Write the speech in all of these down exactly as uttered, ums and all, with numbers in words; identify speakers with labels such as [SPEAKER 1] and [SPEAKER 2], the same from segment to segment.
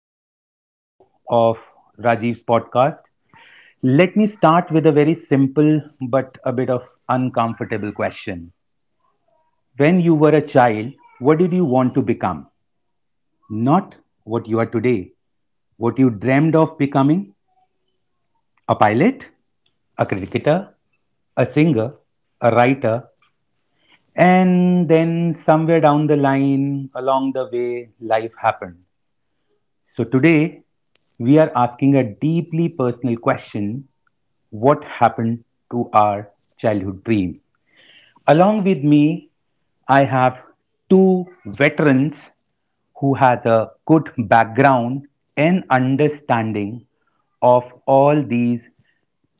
[SPEAKER 1] another show of Rajiv's podcast. Let me start with a very simple but a bit of uncomfortable question. When you were a child, what did you want to become? Not what you are today. What you dreamed of becoming? A pilot, a cricketer, a singer, a writer, and then somewhere down the line, along the way, life happened. So, today we are asking a deeply personal question: what happened to our childhood dream? Along with me, I have two veterans who has a good background and understanding of all these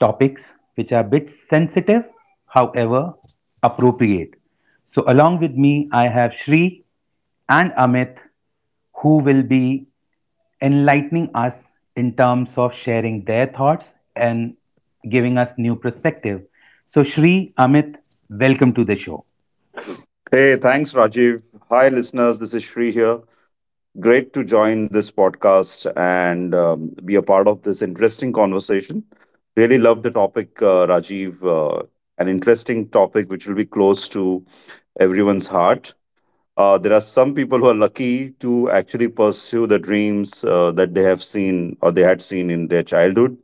[SPEAKER 1] topics which are a bit sensitive, however appropriate. So along with me I have Shri and Amit who will be enlightening us in terms of sharing their thoughts and giving us new perspective. So, Shri, Amit, welcome to the show.
[SPEAKER 2] Hey, thanks, Rajiv. Hi, listeners. This is Shri here. Great to join this podcast and um, be a part of this interesting conversation. Really love the topic, uh, Rajiv. Uh, an interesting topic which will be close to everyone's heart. Uh, there are some people who are lucky to actually pursue the dreams uh, that they have seen or they had seen in their childhood.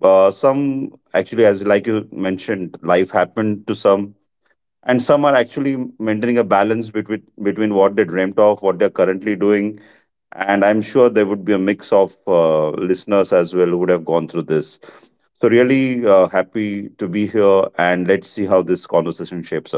[SPEAKER 2] Uh, some actually, as like you mentioned, life happened to some, and some are actually maintaining a balance between between what they dreamt of what they're currently doing. And I'm sure there would be a mix of uh, listeners as well who would have gone through this. So really uh, happy to be here, and let's see how this conversation shapes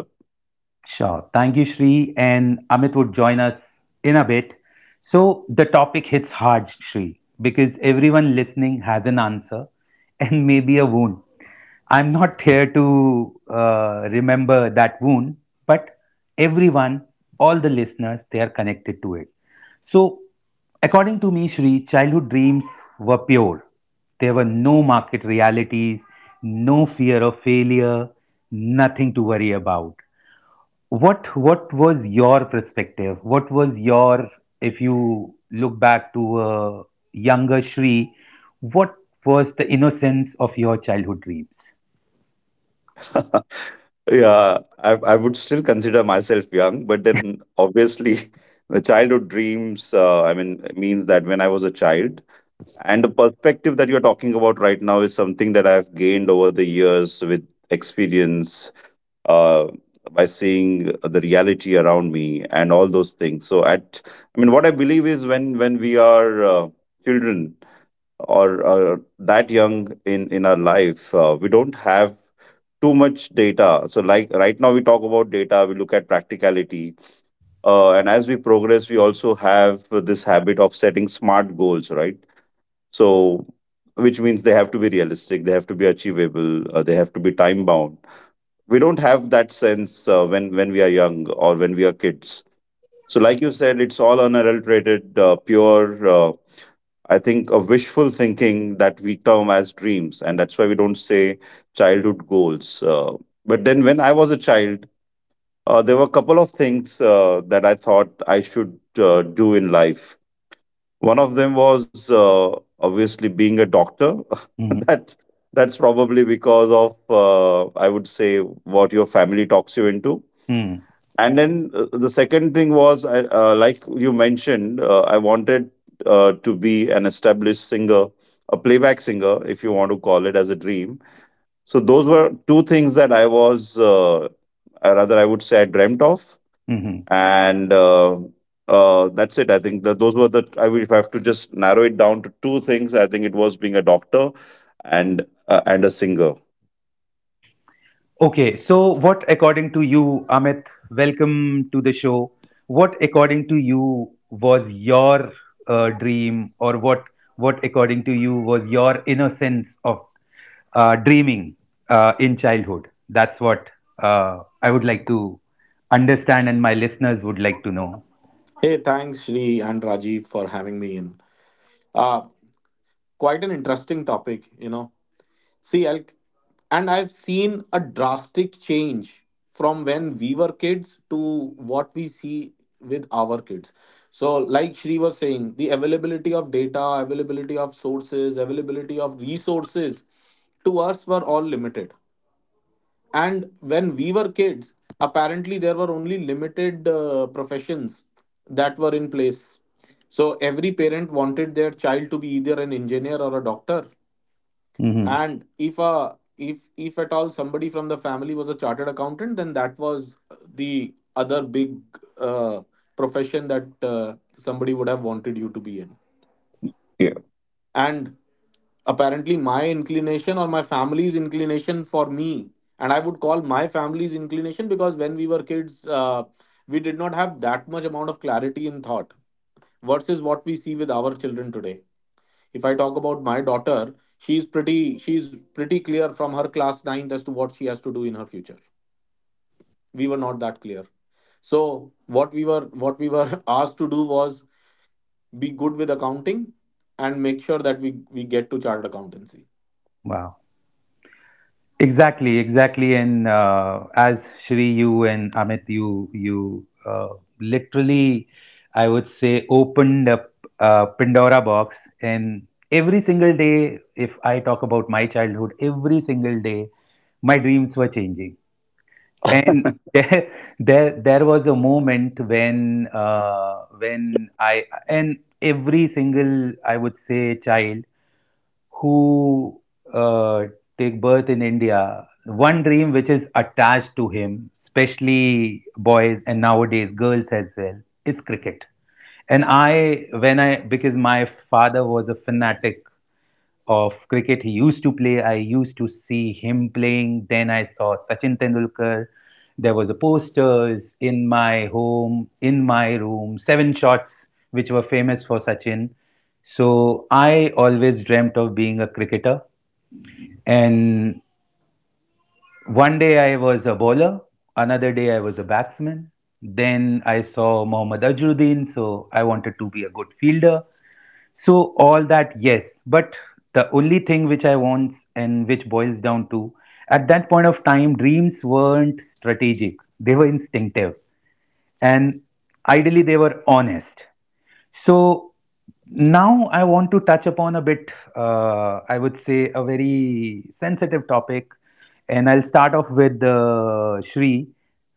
[SPEAKER 1] Sure. Thank you, Shri. And Amit would join us in a bit. So the topic hits hard, Shri, because everyone listening has an answer and maybe a wound. I'm not here to uh, remember that wound, but everyone, all the listeners, they are connected to it. So, according to me, Shri, childhood dreams were pure. There were no market realities, no fear of failure, nothing to worry about. What what was your perspective? What was your if you look back to a younger Shri, what was the innocence of your childhood dreams?
[SPEAKER 2] up. Yeah, I I would still consider myself young, but then obviously the childhood dreams, uh, I mean, means that when I was a child, and the perspective that you're talking about right now is something that I've gained over the years with experience, uh, by seeing the reality around me and all those things. So at, I mean, what I believe is when when we are uh, children, or, or that young in in our life, uh, we don't have too much data. So, like right now, we talk about data, we look at practicality. Uh, and as we progress, we also have this habit of setting smart goals, right? So, which means they have to be realistic, they have to be achievable, uh, they have to be time bound. We don't have that sense uh, when when we are young or when we are kids. So, like you said, it's all unadulterated, uh, pure. Uh, I think a wishful thinking that we term as dreams, and that's why we don't say childhood goals. Uh, but then, when I was a child, uh, there were a couple of things uh, that I thought I should uh, do in life. One of them was, uh, obviously, being a doctor.
[SPEAKER 1] Mm-hmm.
[SPEAKER 2] that that's probably because of, uh, I would say, what your family talks you into.
[SPEAKER 1] Mm-hmm.
[SPEAKER 2] And then, uh, the second thing was, I- uh, like you mentioned, uh, I wanted uh, to be an established singer, a playback singer, if you want to call it as a dream. So those were two things that I was, uh, or rather, I would say, I dreamt of,
[SPEAKER 1] Mm-hmm.
[SPEAKER 2] and uh, uh, that's it. I think that those were the. I will, if I have to just narrow it down to two things, I think it was being a doctor and, uh, and a singer.
[SPEAKER 1] Okay, so what according to you, Amit, welcome to the show. What according to you was your uh, dream, or what what according to you was your innocence of uh, dreaming uh, in childhood? That's what uh, I would like to understand, and my listeners would like to know.
[SPEAKER 3] Hey, thanks, Shri and Rajiv for having me in. Uh, Quite an interesting topic, you know. See, I'll, and I've seen a drastic change from when we were kids to what we see with our kids. So, like Shri was saying, the availability of data, availability of sources, availability of resources to us were all limited, and when we were kids, apparently there were only limited uh, professions that were in place, so every parent wanted their child to be either an engineer or a doctor.
[SPEAKER 1] Hmm.
[SPEAKER 3] And if a if if at all somebody from the family was a chartered accountant, then that was the other big uh, profession that uh, somebody would have wanted you to be in.
[SPEAKER 2] Yeah.
[SPEAKER 3] And apparently my inclination or my family's inclination for me, and I would call my family's inclination because when we were kids, uh, we did not have that much amount of clarity in thought versus what we see with our children today. If I talk about my daughter, she's pretty she's pretty clear from her class ninth as to what she has to do in her future. We were not that clear. So what we were what we were asked to do was be good with accounting and make sure that we we get to chartered accountancy.
[SPEAKER 1] Wow. Exactly, exactly. And uh, as Shri, you and Amit, you you uh, literally, I would say, opened up a Pandora box. And every single day, if I talk about my childhood, every single day, my dreams were changing. And there, there, there was a moment when, uh, when I and every single, I would say, child who, uh, take birth in India, one dream which is attached to him, especially boys and nowadays girls as well, is cricket. And I, when I, because my father was a fanatic of cricket, he used to play. I used to see him playing. Then I saw Sachin Tendulkar. There was a posters in my home, in my room, seven shots which were famous for Sachin. So I always dreamt of being a cricketer. And one day I was a bowler, another day I was a batsman. Then I saw Mohammad Ajruddin, so I wanted to be a good fielder. So all that, yes, but the only thing which I want and which boils down to, at that point of time, dreams weren't strategic; they were instinctive, and ideally they were honest. So now I want to touch upon a bit, uh, I would say, a very sensitive topic, and I'll start off with uh, Shri.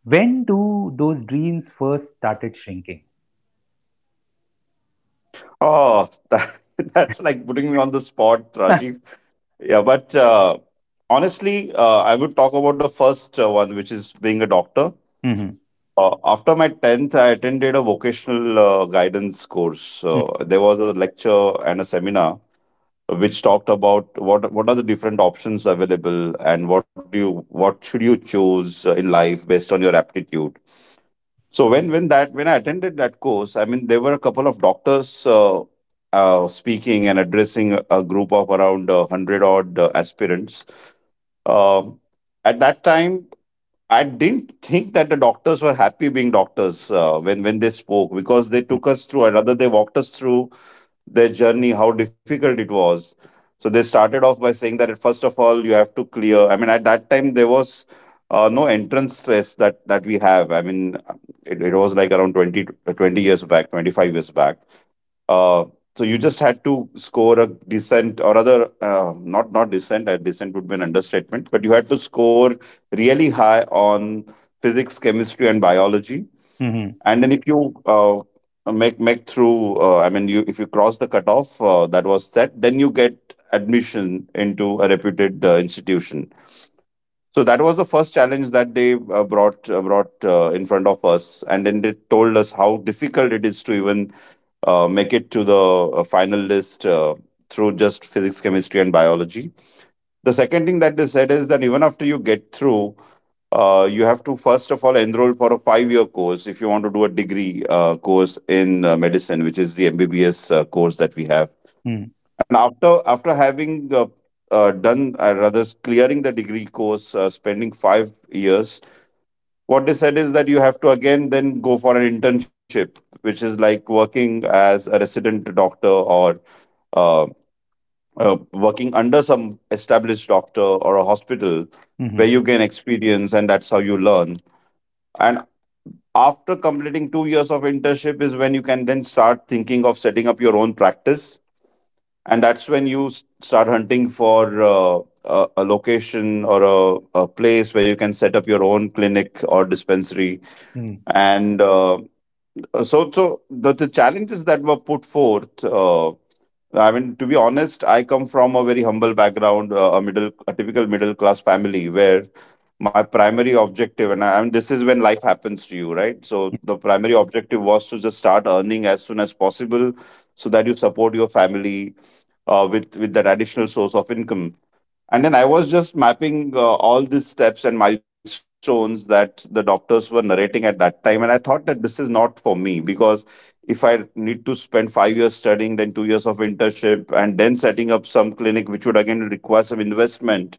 [SPEAKER 1] When do those dreams first started shrinking?
[SPEAKER 2] Oh, that, that's like putting me on the spot, Rajiv. Yeah, but uh, honestly, uh, I would talk about the first uh, one, which is being a doctor.
[SPEAKER 1] Mm-hmm.
[SPEAKER 2] Uh, after my tenth, I attended a vocational uh, guidance course. Uh, there was a lecture and a seminar which talked about what what are the different options available and what do you what should you choose uh, in life based on your aptitude. So when when that when I attended that course, I mean there were a couple of doctors uh, uh, speaking and addressing a a group of around uh, hundred odd uh, aspirants. Um at that time, I didn't think that the doctors were happy being doctors uh, when when they spoke, because they
[SPEAKER 1] Mm-hmm.
[SPEAKER 2] took us through, or rather, they walked us through their journey, how difficult it was. So they started off by saying that first of all, you have to clear. I mean, at that time there was uh, no entrance stress that that we have. I mean, it, it was like around twenty, to- twenty years back, twenty five years back, uh, so you just had to score a decent, or other, uh, not not decent, uh, decent would be an understatement, but you had to score really high on physics, chemistry, and biology.
[SPEAKER 1] Mm-hmm.
[SPEAKER 2] And then if you uh, make make through, uh, I mean, you, if you cross the cutoff uh, that was set, then you get admission into a reputed uh, institution. So that was the first challenge that they uh, brought uh, brought uh, in front of us. And then they told us how difficult it is to even uh, make it to the uh, final list, uh, through just physics, chemistry, and biology. The second thing that they said is that even after you get through, uh, you have to first of all enroll for a five year course if you want to do a degree uh, course in uh, medicine, which is the M B B S uh, course that we have.
[SPEAKER 1] Mm-hmm.
[SPEAKER 2] And after after having, uh, uh, done, uh, rather s- clearing the degree course, uh, spending five years, what they said is that you have to again then go for an internship, which is like working as a resident doctor, or uh, uh, working under some established doctor or a hospital, where
[SPEAKER 1] Mm-hmm.
[SPEAKER 2] you gain experience, and that's how you learn. And after completing two years of internship is when you can then start thinking of setting up your own practice. And that's when you s- start hunting for, uh, a, a location, or a, a place where you can set up your own clinic or dispensary.
[SPEAKER 1] Mm-hmm.
[SPEAKER 2] And uh, so, so the, the challenges that were put forth, uh, I mean, to be honest, I come from a very humble background, uh, a middle, a typical middle class family, where my primary objective, and I, I mean, this is when life happens to you, right? So the primary objective was to just start earning as soon as possible, so that you support your family uh, with with that additional source of income. And then I was just mapping uh, all these steps and milestones that the doctors were narrating at that time, and I thought that this is not for me, because if I need to spend five years studying, then two years of internship, and then setting up some clinic, which would again require some investment,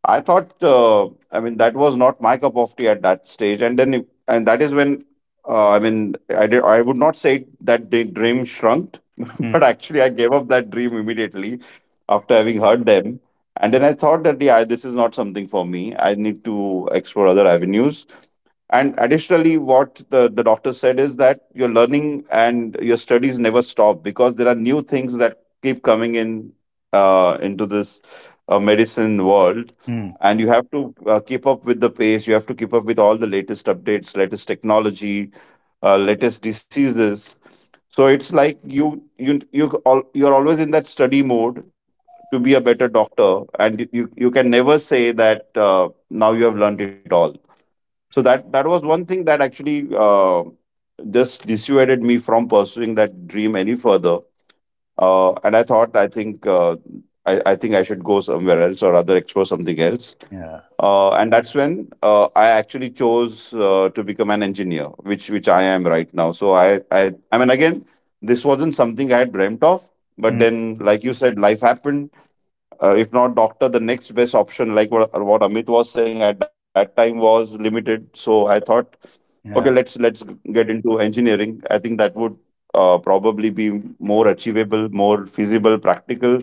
[SPEAKER 2] I thought, uh, I mean, that was not my cup of tea at that stage. And then, it- and that is when, uh, I mean, I did, I would not say that the dream shrunk,
[SPEAKER 1] Mm,
[SPEAKER 2] but actually, I gave up that dream immediately after having heard them. And then I thought that yeah, this is not something for me. I need to explore other avenues. And additionally, what the, the doctor said is that your learning and your studies never stop, because there are new things that keep coming in uh, into this uh, medicine world.
[SPEAKER 1] mm,
[SPEAKER 2] And you have to uh, keep up with the pace. You have to keep up with all the latest updates, latest technology, uh, latest diseases. So it's like you you you all, you're always in that study mode to be a better doctor, and you you you can never say that uh, now you have learned it all. So that, that was one thing that actually, uh, just dissuaded me from pursuing that dream any further. Uh, and I thought I think uh, I, I think I should go somewhere else, or rather explore something else.
[SPEAKER 1] yeah,
[SPEAKER 2] Uh, and that's when, uh, I actually chose uh, to become an engineer, which which I am right now. So I, I i mean, again, this wasn't something I had dreamt of, but
[SPEAKER 1] mm,
[SPEAKER 2] then, like you said, life happened. Uh, if not doctor, the next best option, like what, what amit was saying at that time, was limited. So I thought, okay, let's
[SPEAKER 1] yeah,
[SPEAKER 2] let's get into engineering. I think that would uh, probably be more achievable, more feasible, practical.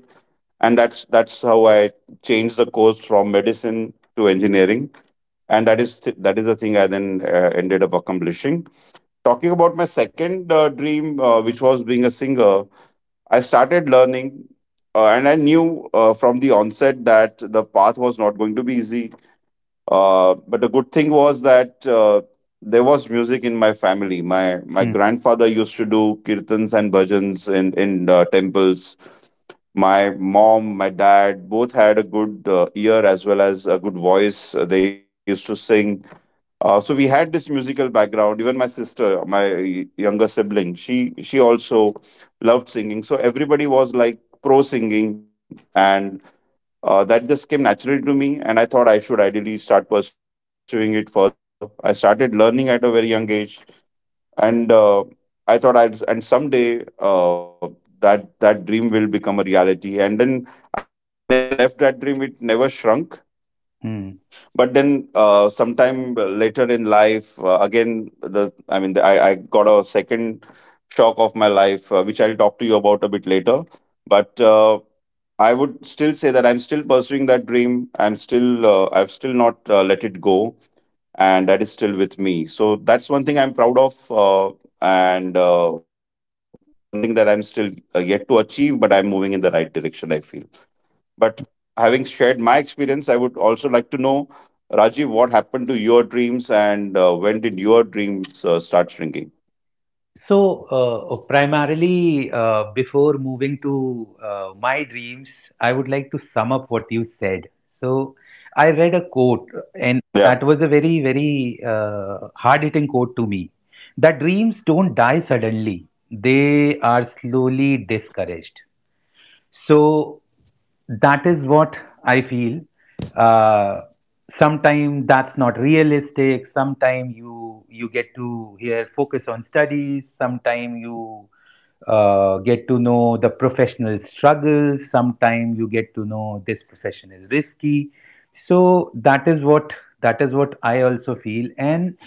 [SPEAKER 2] And that's that's how I changed the course from medicine to engineering, and that is th- that is the thing I then uh, ended up accomplishing. Talking about my second uh, dream, uh, which was being a singer, I started learning, uh, and I knew uh, from the onset that the path was not going to be easy. Uh, but the good thing was that uh, there was music in my family. My my
[SPEAKER 1] mm,
[SPEAKER 2] grandfather used to do kirtans and bhajans in in uh, temples. My mom, my dad, both had a good uh, ear as well as a good voice. Uh, They used to sing, uh, so we had this musical background. Even my sister, my younger sibling, she she also loved singing. So everybody was like pro singing, and uh, that just came naturally to me. And I thought I should ideally start pursuing it further. I started learning at a very young age, and uh, I thought I'd and someday. Uh, that that dream will become a reality, and then I never left that dream. It never shrunk.
[SPEAKER 1] mm.
[SPEAKER 2] But then, uh, sometime later in life, uh, again the I mean the, I, I got a second shock of my life, uh, which I'll talk to you about a bit later. But uh, I would still say that I'm still pursuing that dream. I'm still uh, I've still not uh, let it go, and that is still with me. So that's one thing I'm proud of. Uh, and uh, One thing that I'm still uh, yet to achieve, but I'm moving in the right direction, I feel. But having shared my experience, I would also like to know, Rajiv, what happened to your dreams, and uh, when did your dreams uh, start shrinking?
[SPEAKER 1] So, uh, primarily, uh, before moving to uh, my dreams, I would like to sum up what you said. So, I read a quote,
[SPEAKER 2] Yeah.
[SPEAKER 1] and that was a very, very uh, hard-hitting quote to me. That dreams don't die suddenly; they are slowly discouraged. So that is what I feel. Uh, Sometime that's not realistic. Sometimes you you get to here focus on studies. Sometimes you uh, get to know the professional struggles. Sometimes you get to know this profession is risky. So that is what that is what I also feel. And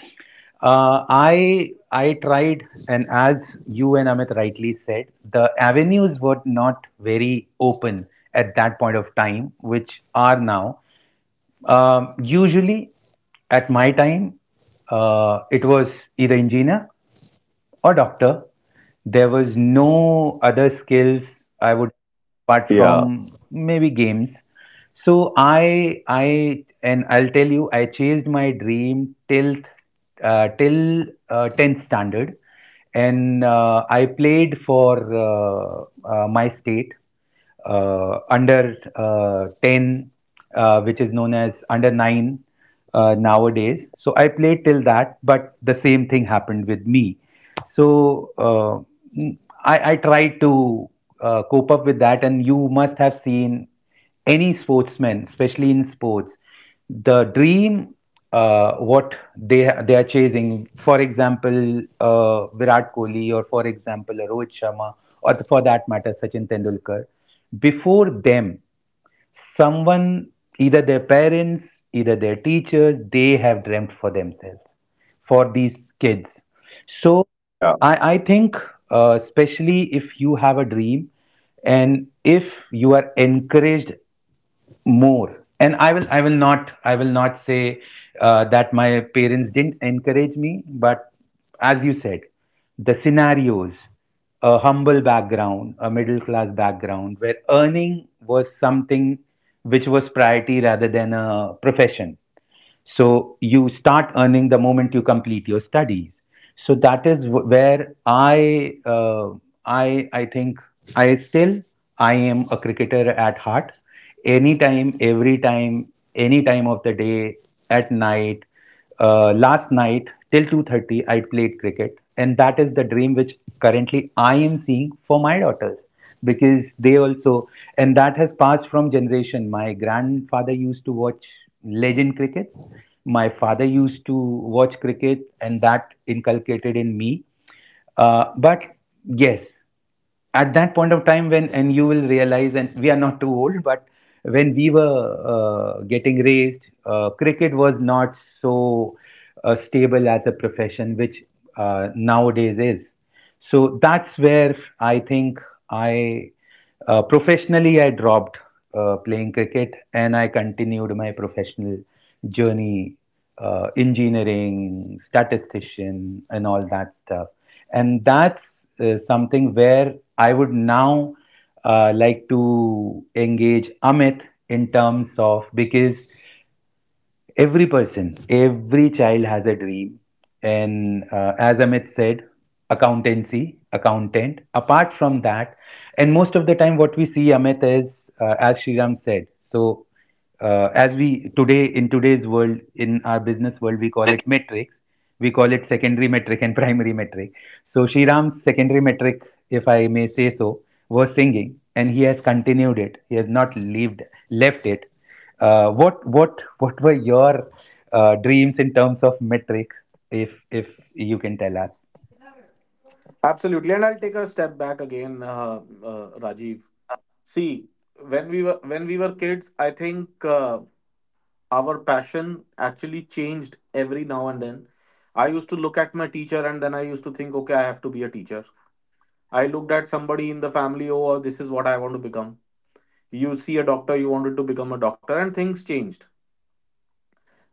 [SPEAKER 1] uh, I I tried, and as you and Amit rightly said, the avenues were not very open at that point of time, which are now. Um, usually, at my time, uh, it was either engineer or doctor. There was no other skills I would apart from
[SPEAKER 2] Yeah.
[SPEAKER 1] maybe games. So I I, and I'll tell you, I chased my dream till, uh, till uh, tenth standard, and uh, I played for, uh, uh, my state, uh, under, uh, ten, uh, which is known as under nine uh, nowadays. So I played till that, but the same thing happened with me. So uh, I, I tried to uh, cope up with that, and you must have seen any sportsman, especially in sports, the dream, uh, what they they are chasing. For example, uh, Virat Kohli, or for example, Rohit Sharma, or for that matter, Sachin Tendulkar. Before them, someone, either their parents, either their teachers, they have dreamt for themselves, for these kids. So I, I think,
[SPEAKER 2] Yeah.
[SPEAKER 1] uh, especially if you have a dream, and if you are encouraged more, and i will i will not i will not say uh, that my parents didn't encourage me. But as you said, the scenarios, a humble background, a middle class background where earning was something which was priority rather than a profession, so you start earning the moment you complete your studies. So that is wh- where I, uh, I, I think I still I am a cricketer at heart. Anytime, every time, any time of the day, at night, uh, last night till two thirty I played cricket, and that is the dream which currently I am seeing for my daughters, because they also, and that has passed from generation. My grandfather used to watch legend cricket, my father used to watch cricket, and that inculcated in me. Uh, but yes, at that point of time, when, and you will realize, and we are not too old, but when we were uh, getting raised, uh, cricket was not so uh, stable as a profession which uh, nowadays is. So that's where i think, I uh, professionally, I dropped uh, playing cricket, and I continued my professional journey, uh, engineering, statistician, and all that stuff. And that's uh, something where I would now uh, like to engage Amit in terms of, because every person, every child has a dream. And uh, as Amit said, accountancy, accountant. Apart from that, and most of the time, what we see Amit is, uh, as Shriram said, so uh, as we today in today's world, in our business world, we call it metrics. We call it secondary metric and primary metric. So Shriram's secondary metric, if I may say so, was singing, and he has continued it. He has not leaved left it. Uh, what what what were your uh, dreams in terms of metric, if if you can tell us?
[SPEAKER 3] Absolutely, and I'll take a step back again, uh, uh, Rajiv. See, when we were when we were kids, I think uh, our passion actually changed every now and then. I used to look at my teacher, and then I used to think, okay, I have to be a teacher. I looked at somebody in the family, oh, this is what I want to become. You see a doctor, you wanted to become a doctor, and things changed.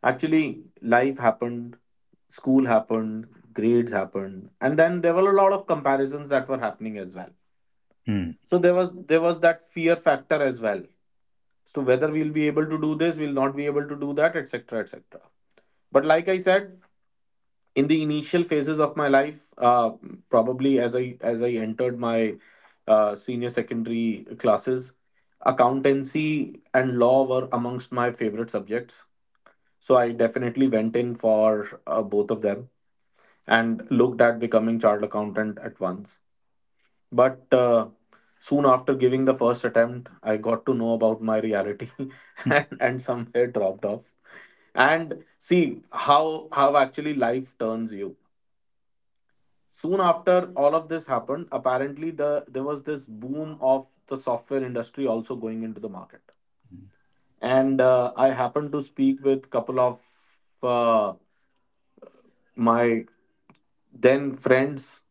[SPEAKER 3] Actually, life happened, school happened, grades happened, and then there were a lot of comparisons that were happening as well.
[SPEAKER 1] Hmm.
[SPEAKER 3] So there was there was that fear factor as well. So whether we'll be able to do this, we'll not be able to do that, et cetera, et cetera. But like I said, in the initial phases of my life, uh, probably as I as I entered my uh, senior secondary classes, accountancy and law were amongst my favorite subjects. So I definitely went in for uh, both of them and looked at becoming chartered accountant at once. But uh, soon after giving the first attempt, I got to know about my reality
[SPEAKER 1] Hmm.
[SPEAKER 3] and, and somewhere dropped off. And see how how actually life turns you. Soon after all of this happened, apparently the there was this boom of the software industry also going into the market. And uh, I happened to speak with couple of uh, my then friends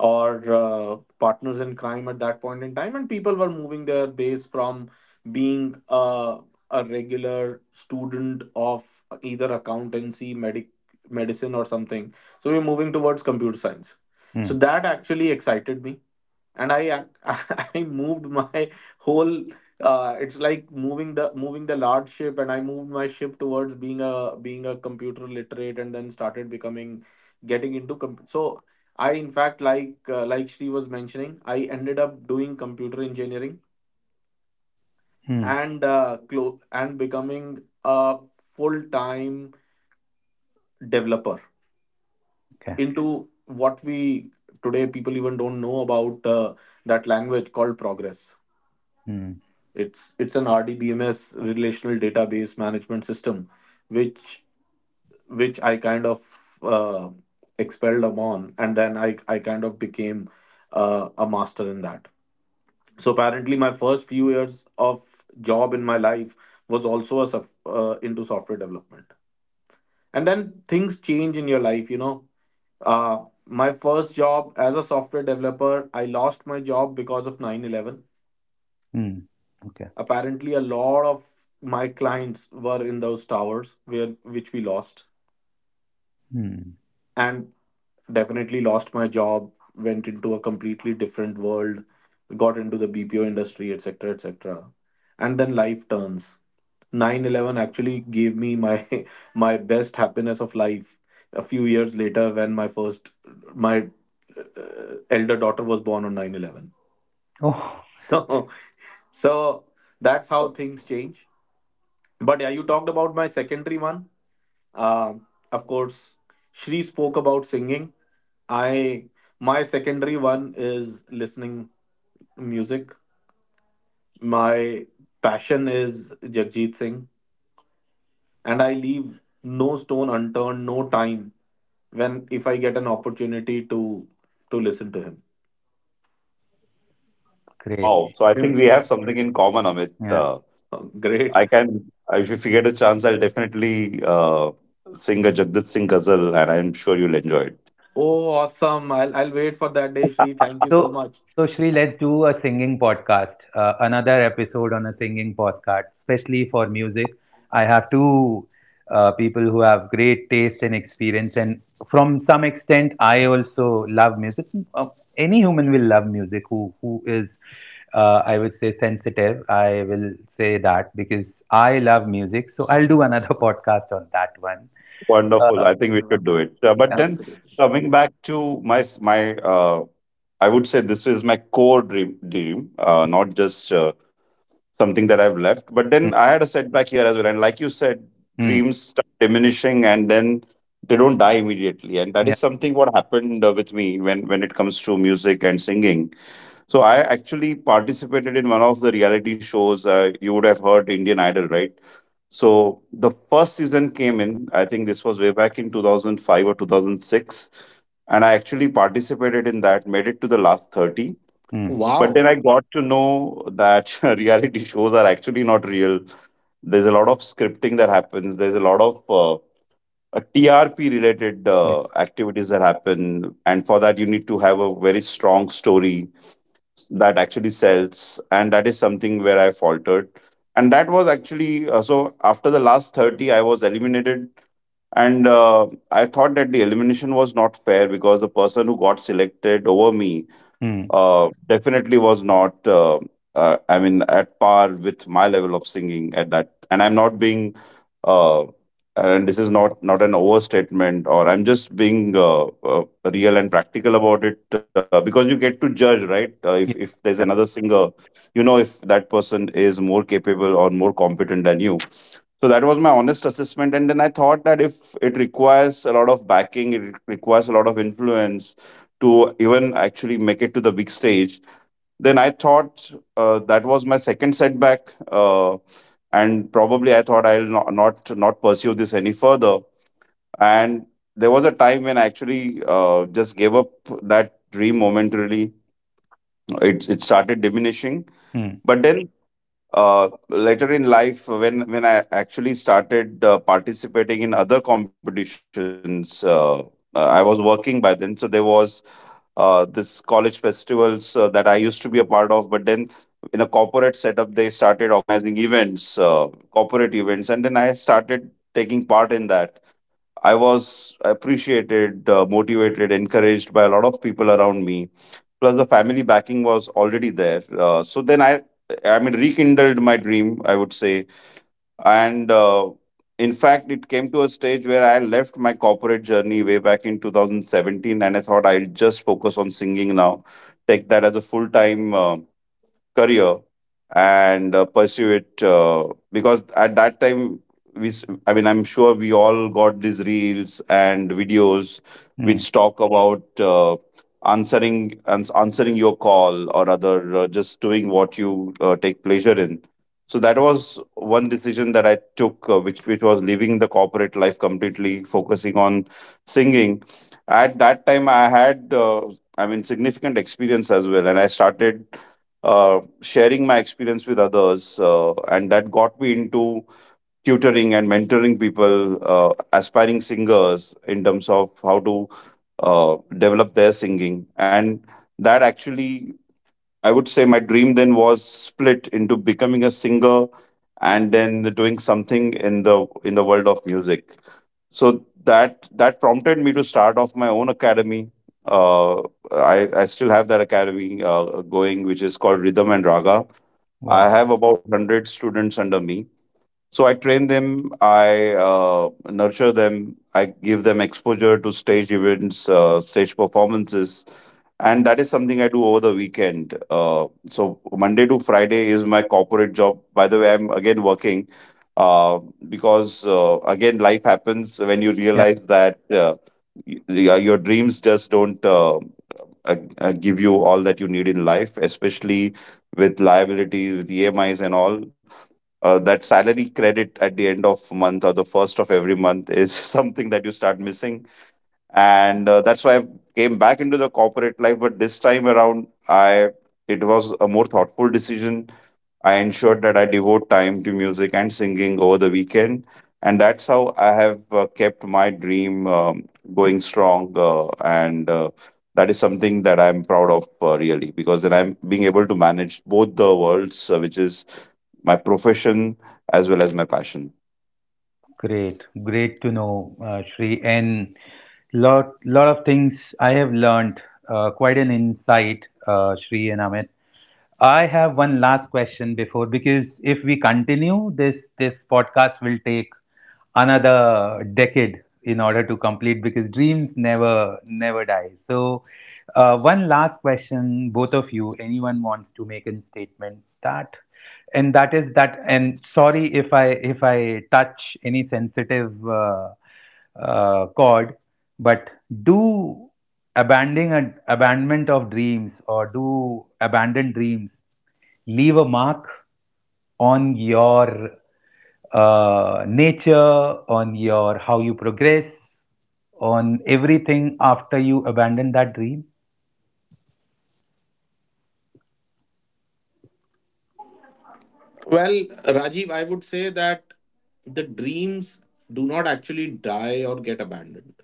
[SPEAKER 3] or uh, partners in crime at that point in time, and people were moving their base from being uh, a regular student of either accountancy medic medicine or something. So we we're moving towards computer science. So
[SPEAKER 1] Hmm.
[SPEAKER 3] that actually excited me, and I ac- I moved my whole, uh, it's like moving the moving the large ship, and I moved my ship towards being a being a computer literate, and then started becoming getting into comp- so I, in fact, like uh, like Shri was mentioning, I ended up doing computer engineering
[SPEAKER 1] Hmm.
[SPEAKER 3] and uh, clo- and becoming a full time developer
[SPEAKER 1] Okay.
[SPEAKER 3] into what we today, people even don't know about, uh, that language called progress.
[SPEAKER 1] Hmm.
[SPEAKER 3] It's it's an R D B M S, relational database management system, which which I kind of, uh, expelled upon, and then I I kind of became uh, a master in that. So apparently, my first few years of job in my life was also a sof- uh, into software development, and then things change in your life. You know, uh, my first job as a software developer, I lost my job because of nine eleven.
[SPEAKER 1] Hmm. Okay.
[SPEAKER 3] Apparently a lot of my clients were in those towers where which we lost,
[SPEAKER 1] Hmm.
[SPEAKER 3] and definitely lost my job, went into a completely different world, got into the B P O industry, etc., etc. And then life turns. Nine Eleven actually gave me my my best happiness of life a few years later when my first my uh, elder daughter was born on nine eleven.
[SPEAKER 1] Oh,
[SPEAKER 3] So so that's how things change. But yeah, you talked about my secondary one. Um, of course, Shri spoke about singing. I My secondary one is listening music. My passion is Jagjit Singh, and I leave no stone unturned, no time, when if I get an opportunity to to listen to him.
[SPEAKER 1] great.
[SPEAKER 2] Wow. So I think
[SPEAKER 3] Him.
[SPEAKER 2] we have something in common, Amit.
[SPEAKER 1] Yeah.
[SPEAKER 2] Uh,
[SPEAKER 3] Oh, great.
[SPEAKER 2] I can, if if you get a chance, I'll definitely uh, sing a Jagat Singh ghazal, and I'm sure you'll enjoy it.
[SPEAKER 3] Oh, awesome. I'll I'll wait for that day, Shri. Thank you so
[SPEAKER 1] So,
[SPEAKER 3] much.
[SPEAKER 1] so Shri, let's do a singing podcast. Uh, another episode on a singing podcast, especially for music. I have two uh, people who have great taste and experience, and from some extent, I also love music. Uh, any human will love music who who is. Uh, I would say sensitive. I will say that because I love music. So I'll do another podcast on that one.
[SPEAKER 2] Wonderful.
[SPEAKER 1] Uh,
[SPEAKER 2] I think we
[SPEAKER 3] You're
[SPEAKER 2] should do
[SPEAKER 3] welcome.
[SPEAKER 2] it. Uh, but
[SPEAKER 1] yeah.
[SPEAKER 2] then
[SPEAKER 3] Absolutely.
[SPEAKER 2] coming back to my s- my, uh, I would say this is my core dream, dream, uh, not just uh, something that I've left. But then
[SPEAKER 1] Mm,
[SPEAKER 2] I had a setback here as well. And like you said,
[SPEAKER 1] mm,
[SPEAKER 2] dreams start diminishing, and then they don't die immediately. And that
[SPEAKER 1] yeah.
[SPEAKER 2] is something what happened uh, with me when, when it comes to music and singing. So I actually participated in one of the reality shows. Uh, you would have heard Indian Idol, right? So the first season came in. I think this was way back in two thousand five or two thousand six. And I actually participated in that, made it to the last thirty,
[SPEAKER 1] Mm,
[SPEAKER 2] but
[SPEAKER 3] Wow.
[SPEAKER 2] then I got to know that reality shows are actually not real. There's a lot of scripting that happens. There's a lot of uh, uh, T R P related
[SPEAKER 1] yeah.
[SPEAKER 2] uh, activities that happen, and for that you need to have a very strong story that actually sells. And that is something where I faltered. And that was actually uh, so. After the last thirty, I was eliminated, and uh, I thought that the elimination was not fair, because the person who got selected over me
[SPEAKER 1] Mm,
[SPEAKER 2] uh, definitely was not uh, uh, I mean, at par with my level of singing at that. And I'm not being uh, and this is not not an overstatement, or I'm just being uh, uh, real and practical about it, uh, because you get to judge, right? uh, if if
[SPEAKER 1] yeah.
[SPEAKER 2] there's another
[SPEAKER 1] Yeah.
[SPEAKER 2] singer, you know, if that person is more capable or more competent than you. So that was my honest assessment. And then I thought that if it requires a lot of backing, it requires a lot of influence to even actually make it to the big stage. Then I thought uh, that was my second setback, uh, and probably I thought I'll not, not not pursue this any further. And there was a time when I actually uh, just gave up that dream momentarily. It it started diminishing,
[SPEAKER 1] Mm,
[SPEAKER 2] but then uh, later in life, when when I actually started uh, participating in other competitions, uh, uh, I was working by then, so there was uh, this college festivals uh, that I used to be a part of. But then in a corporate setup, they started organizing events, uh, corporate events, and then I started taking part in that. I was appreciated, uh, motivated, encouraged by a lot of people around me, plus the family backing was already there. Uh, so then I, I mean, rekindled my dream, I would say. And uh, In fact, it came to a stage where I left my corporate journey way back in two thousand seventeen, and I thought I'll just focus on singing now, take that as a full time uh, career, and uh, pursue it, uh, because at that time we s- I mean, I'm sure we all got these reels and videos
[SPEAKER 1] mm.
[SPEAKER 2] which talk about uh, answering ans- answering your call or other, uh, just doing what you uh, take pleasure in. So that was one decision that I took, uh, which which was leaving the corporate life, completely focusing on singing. At that time I had uh, I mean, significant experience as well, and I started uh, sharing my experience with others, uh, and that got me into tutoring and mentoring people, uh, aspiring singers, in terms of how to uh, develop their singing. And that actually, I would say, my dream then was split into becoming a singer and then doing something in the in the world of music. So that that prompted me to start off my own academy. Uh, I, I still have that academy uh, going, which is called Rhythm and Raga.
[SPEAKER 1] Wow.
[SPEAKER 2] I have about one hundred students under me. So I train them, I uh, nurture them, I give them exposure to stage events, uh, stage performances. And that is something I do over the weekend. Uh, so Monday to Friday is my corporate job. By the way, I'm again working, uh, because uh, again, life happens when you
[SPEAKER 1] Yeah,
[SPEAKER 2] realize that uh, y- y- your dreams just don't Uh, uh, uh, give you all that you need in life, especially with liabilities, with E M Is and all. Uh, that salary credit at the end of month or the first of every month is something that you start missing, and uh, that's why I came back into the corporate life. But this time around, I it was a more thoughtful decision. I ensured that I devote time to music and singing over the weekend, and that's how I have uh, kept my dream um, going strong. Uh, and uh, That is something that I'm proud of, uh, really, because then I'm being able to manage both the worlds, uh, which is my profession as well as my passion.
[SPEAKER 1] great. Great to know, uh, Shri. And lot lot of things I have learned. Uh, quite an insight, uh, Shri and Amit. I have one last question before, because if we continue this, this, podcast will take another decade in order to complete, because dreams never never die. So, Uh, one last question, both of you. Anyone wants to make a statement that, and that is that. And sorry if I if I touch any sensitive uh, uh, chord, but do abandoning and abandonment of dreams or do abandoned dreams leave a mark on your uh, nature, on your how you progress, on everything after you abandon that dream?
[SPEAKER 3] Well, Rajiv, I would say that the dreams do not actually die or get abandoned.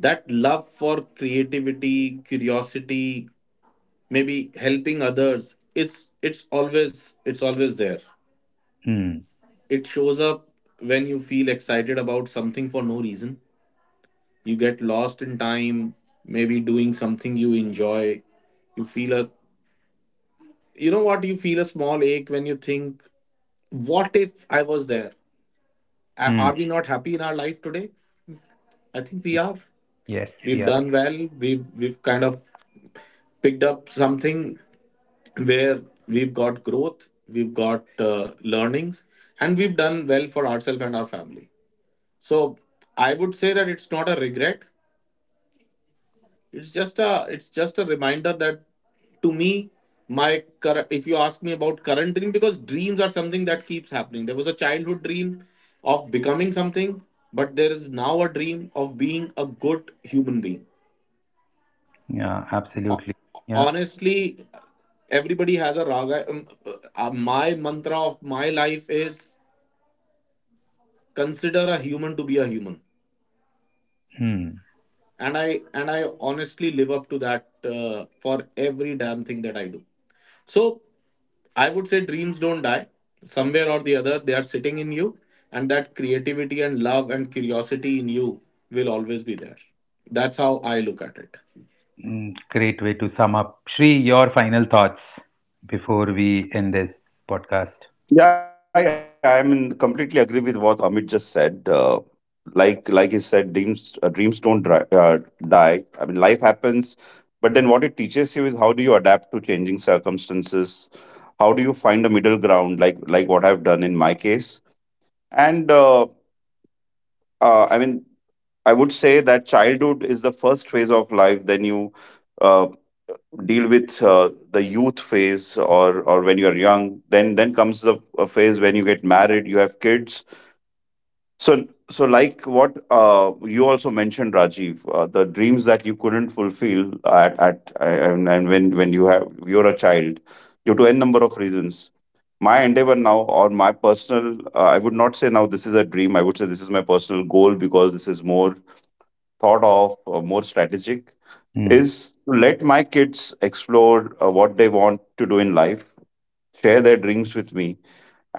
[SPEAKER 3] That love for creativity, curiosity, maybe helping others, it's it's always it's always there.
[SPEAKER 1] Hmm.
[SPEAKER 3] It shows up when you feel excited about something for no reason. You get lost in time, maybe doing something you enjoy. You feel a, you know what, you feel a small ache when you think, what if I was there? A-
[SPEAKER 1] Hmm.
[SPEAKER 3] Are we not happy in our life today? I think we are.
[SPEAKER 1] Yes,
[SPEAKER 3] We've
[SPEAKER 1] yeah,
[SPEAKER 3] done well. We've we've kind of picked up something where we've got growth, we've got uh, learnings, and we've done well for ourselves and our family. So I would say that it's not a regret. It's just a, it's just a reminder that, to me, my current, if you ask me about current dream, because dreams are something that keeps happening. There was a childhood dream of becoming something, but there is now a dream of being a good human being. Uh,
[SPEAKER 1] yeah, absolutely. Yeah.
[SPEAKER 3] honestly, everybody has a raga. Um, uh, uh, my mantra of my life is consider a human to be a human,
[SPEAKER 1] Hmm.
[SPEAKER 3] and i and i honestly live up to that uh, for every damn thing that I do. So I would say dreams don't die. Somewhere or the other, they are sitting in you, and that creativity and love and curiosity in you will always be there. That's how I look at it.
[SPEAKER 1] Mm, great way to sum up. Shri, your final thoughts before we end this podcast.
[SPEAKER 2] Yeah, yeah, I mean, completely agree with what Amit just said. Uh, like, like he said, dreams, uh, dreams don't dri- uh, die. I mean, life happens, but then what it teaches you is how do you adapt to changing circumstances? How do you find a middle ground? Like, like what I've done in my case. And uh, uh, I mean, I would say that childhood is the first phase of life. Then you uh, deal with uh, the youth phase, or when you're young. then then comes the uh, phase when you get married, you have kids. So so like what uh, you also mentioned, Rajiv, uh, the dreams that you couldn't fulfill at at and, and when when you have you're a child, due to n number reasons, my endeavor now, or my personal, uh, I would not say now this is a dream, I would say this is my personal goal, because this is more thought of, uh, more strategic,
[SPEAKER 1] Hmm.
[SPEAKER 2] is to let my kids explore uh, what they want to do in life, share their dreams with me,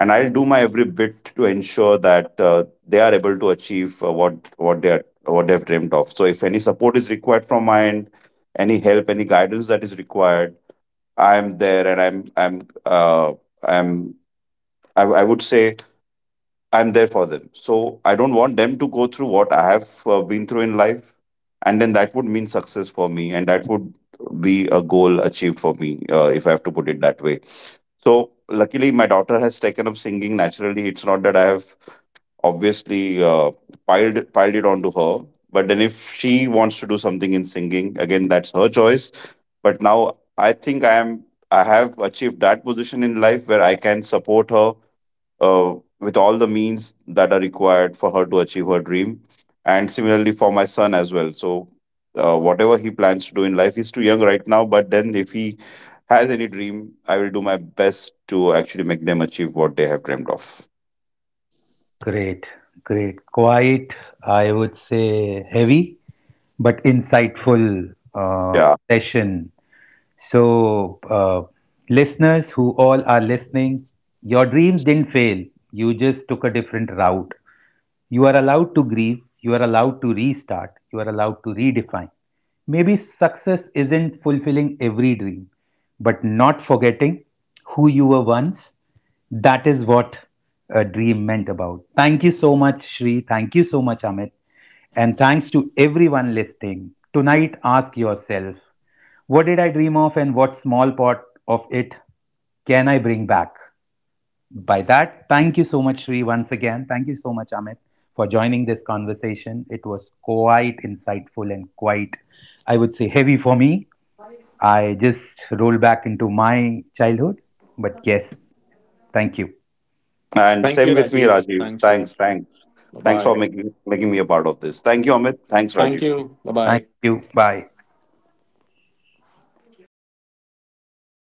[SPEAKER 2] and I'll do my every bit to ensure that uh, they are able to achieve uh, what what they are what they have dreamed of. So, if any support is required from my end, any help, any guidance that is required, I'm there, and I'm I'm uh, I'm I, I would say I'm there for them. So I don't want them to go through what I have uh, been through in life. And then that would mean success for me. And that would be a goal achieved for me, uh, if I have to put it that way. So luckily, my daughter has taken up singing naturally. It's not that I have obviously uh, piled, it- piled it onto her. But then if she wants to do something in singing, again, that's her choice. But now I think I am. I have achieved that position in life where I can support her uh, with all the means that are required for her to achieve her dream. And similarly for my son as well. So, uh, whatever he plans to do in life, he's too young right now. But then, if he has any dream, I will do my best to actually make them achieve what they have dreamed of.
[SPEAKER 1] Great, great. Quite, I would say, heavy, but insightful uh,
[SPEAKER 2] Yeah.
[SPEAKER 1] session. So, uh, listeners who all are listening, your dreams didn't fail. You just took a different route. You are allowed to grieve, you are allowed to restart, you are allowed to redefine. Maybe success isn't fulfilling every dream, but not forgetting who you were once. That is what a dream meant about. Thank you so much, Shri. Thank you so much, Amit. And thanks to everyone listening. Tonight, ask yourself what did I dream of and what small part of it can I bring back? By that, thank you so much, Sri, once again. Thank you so much, Amit, for joining this conversation. It was quite insightful and quite, I would say, heavy for me. I just roll back into my childhood. But yes, thank you.
[SPEAKER 2] And
[SPEAKER 3] Thank you,
[SPEAKER 2] same with me,
[SPEAKER 3] Rajiv.
[SPEAKER 2] Rajiv.
[SPEAKER 3] Thanks, Sri.
[SPEAKER 2] Thanks. Thanks.
[SPEAKER 3] Bye
[SPEAKER 2] Thanks for
[SPEAKER 3] bye.
[SPEAKER 2] making, making me a part of this. Thank you, Amit. Thanks,
[SPEAKER 3] Thank
[SPEAKER 2] Rajiv.
[SPEAKER 3] you. Bye bye.
[SPEAKER 1] Thank you. Bye.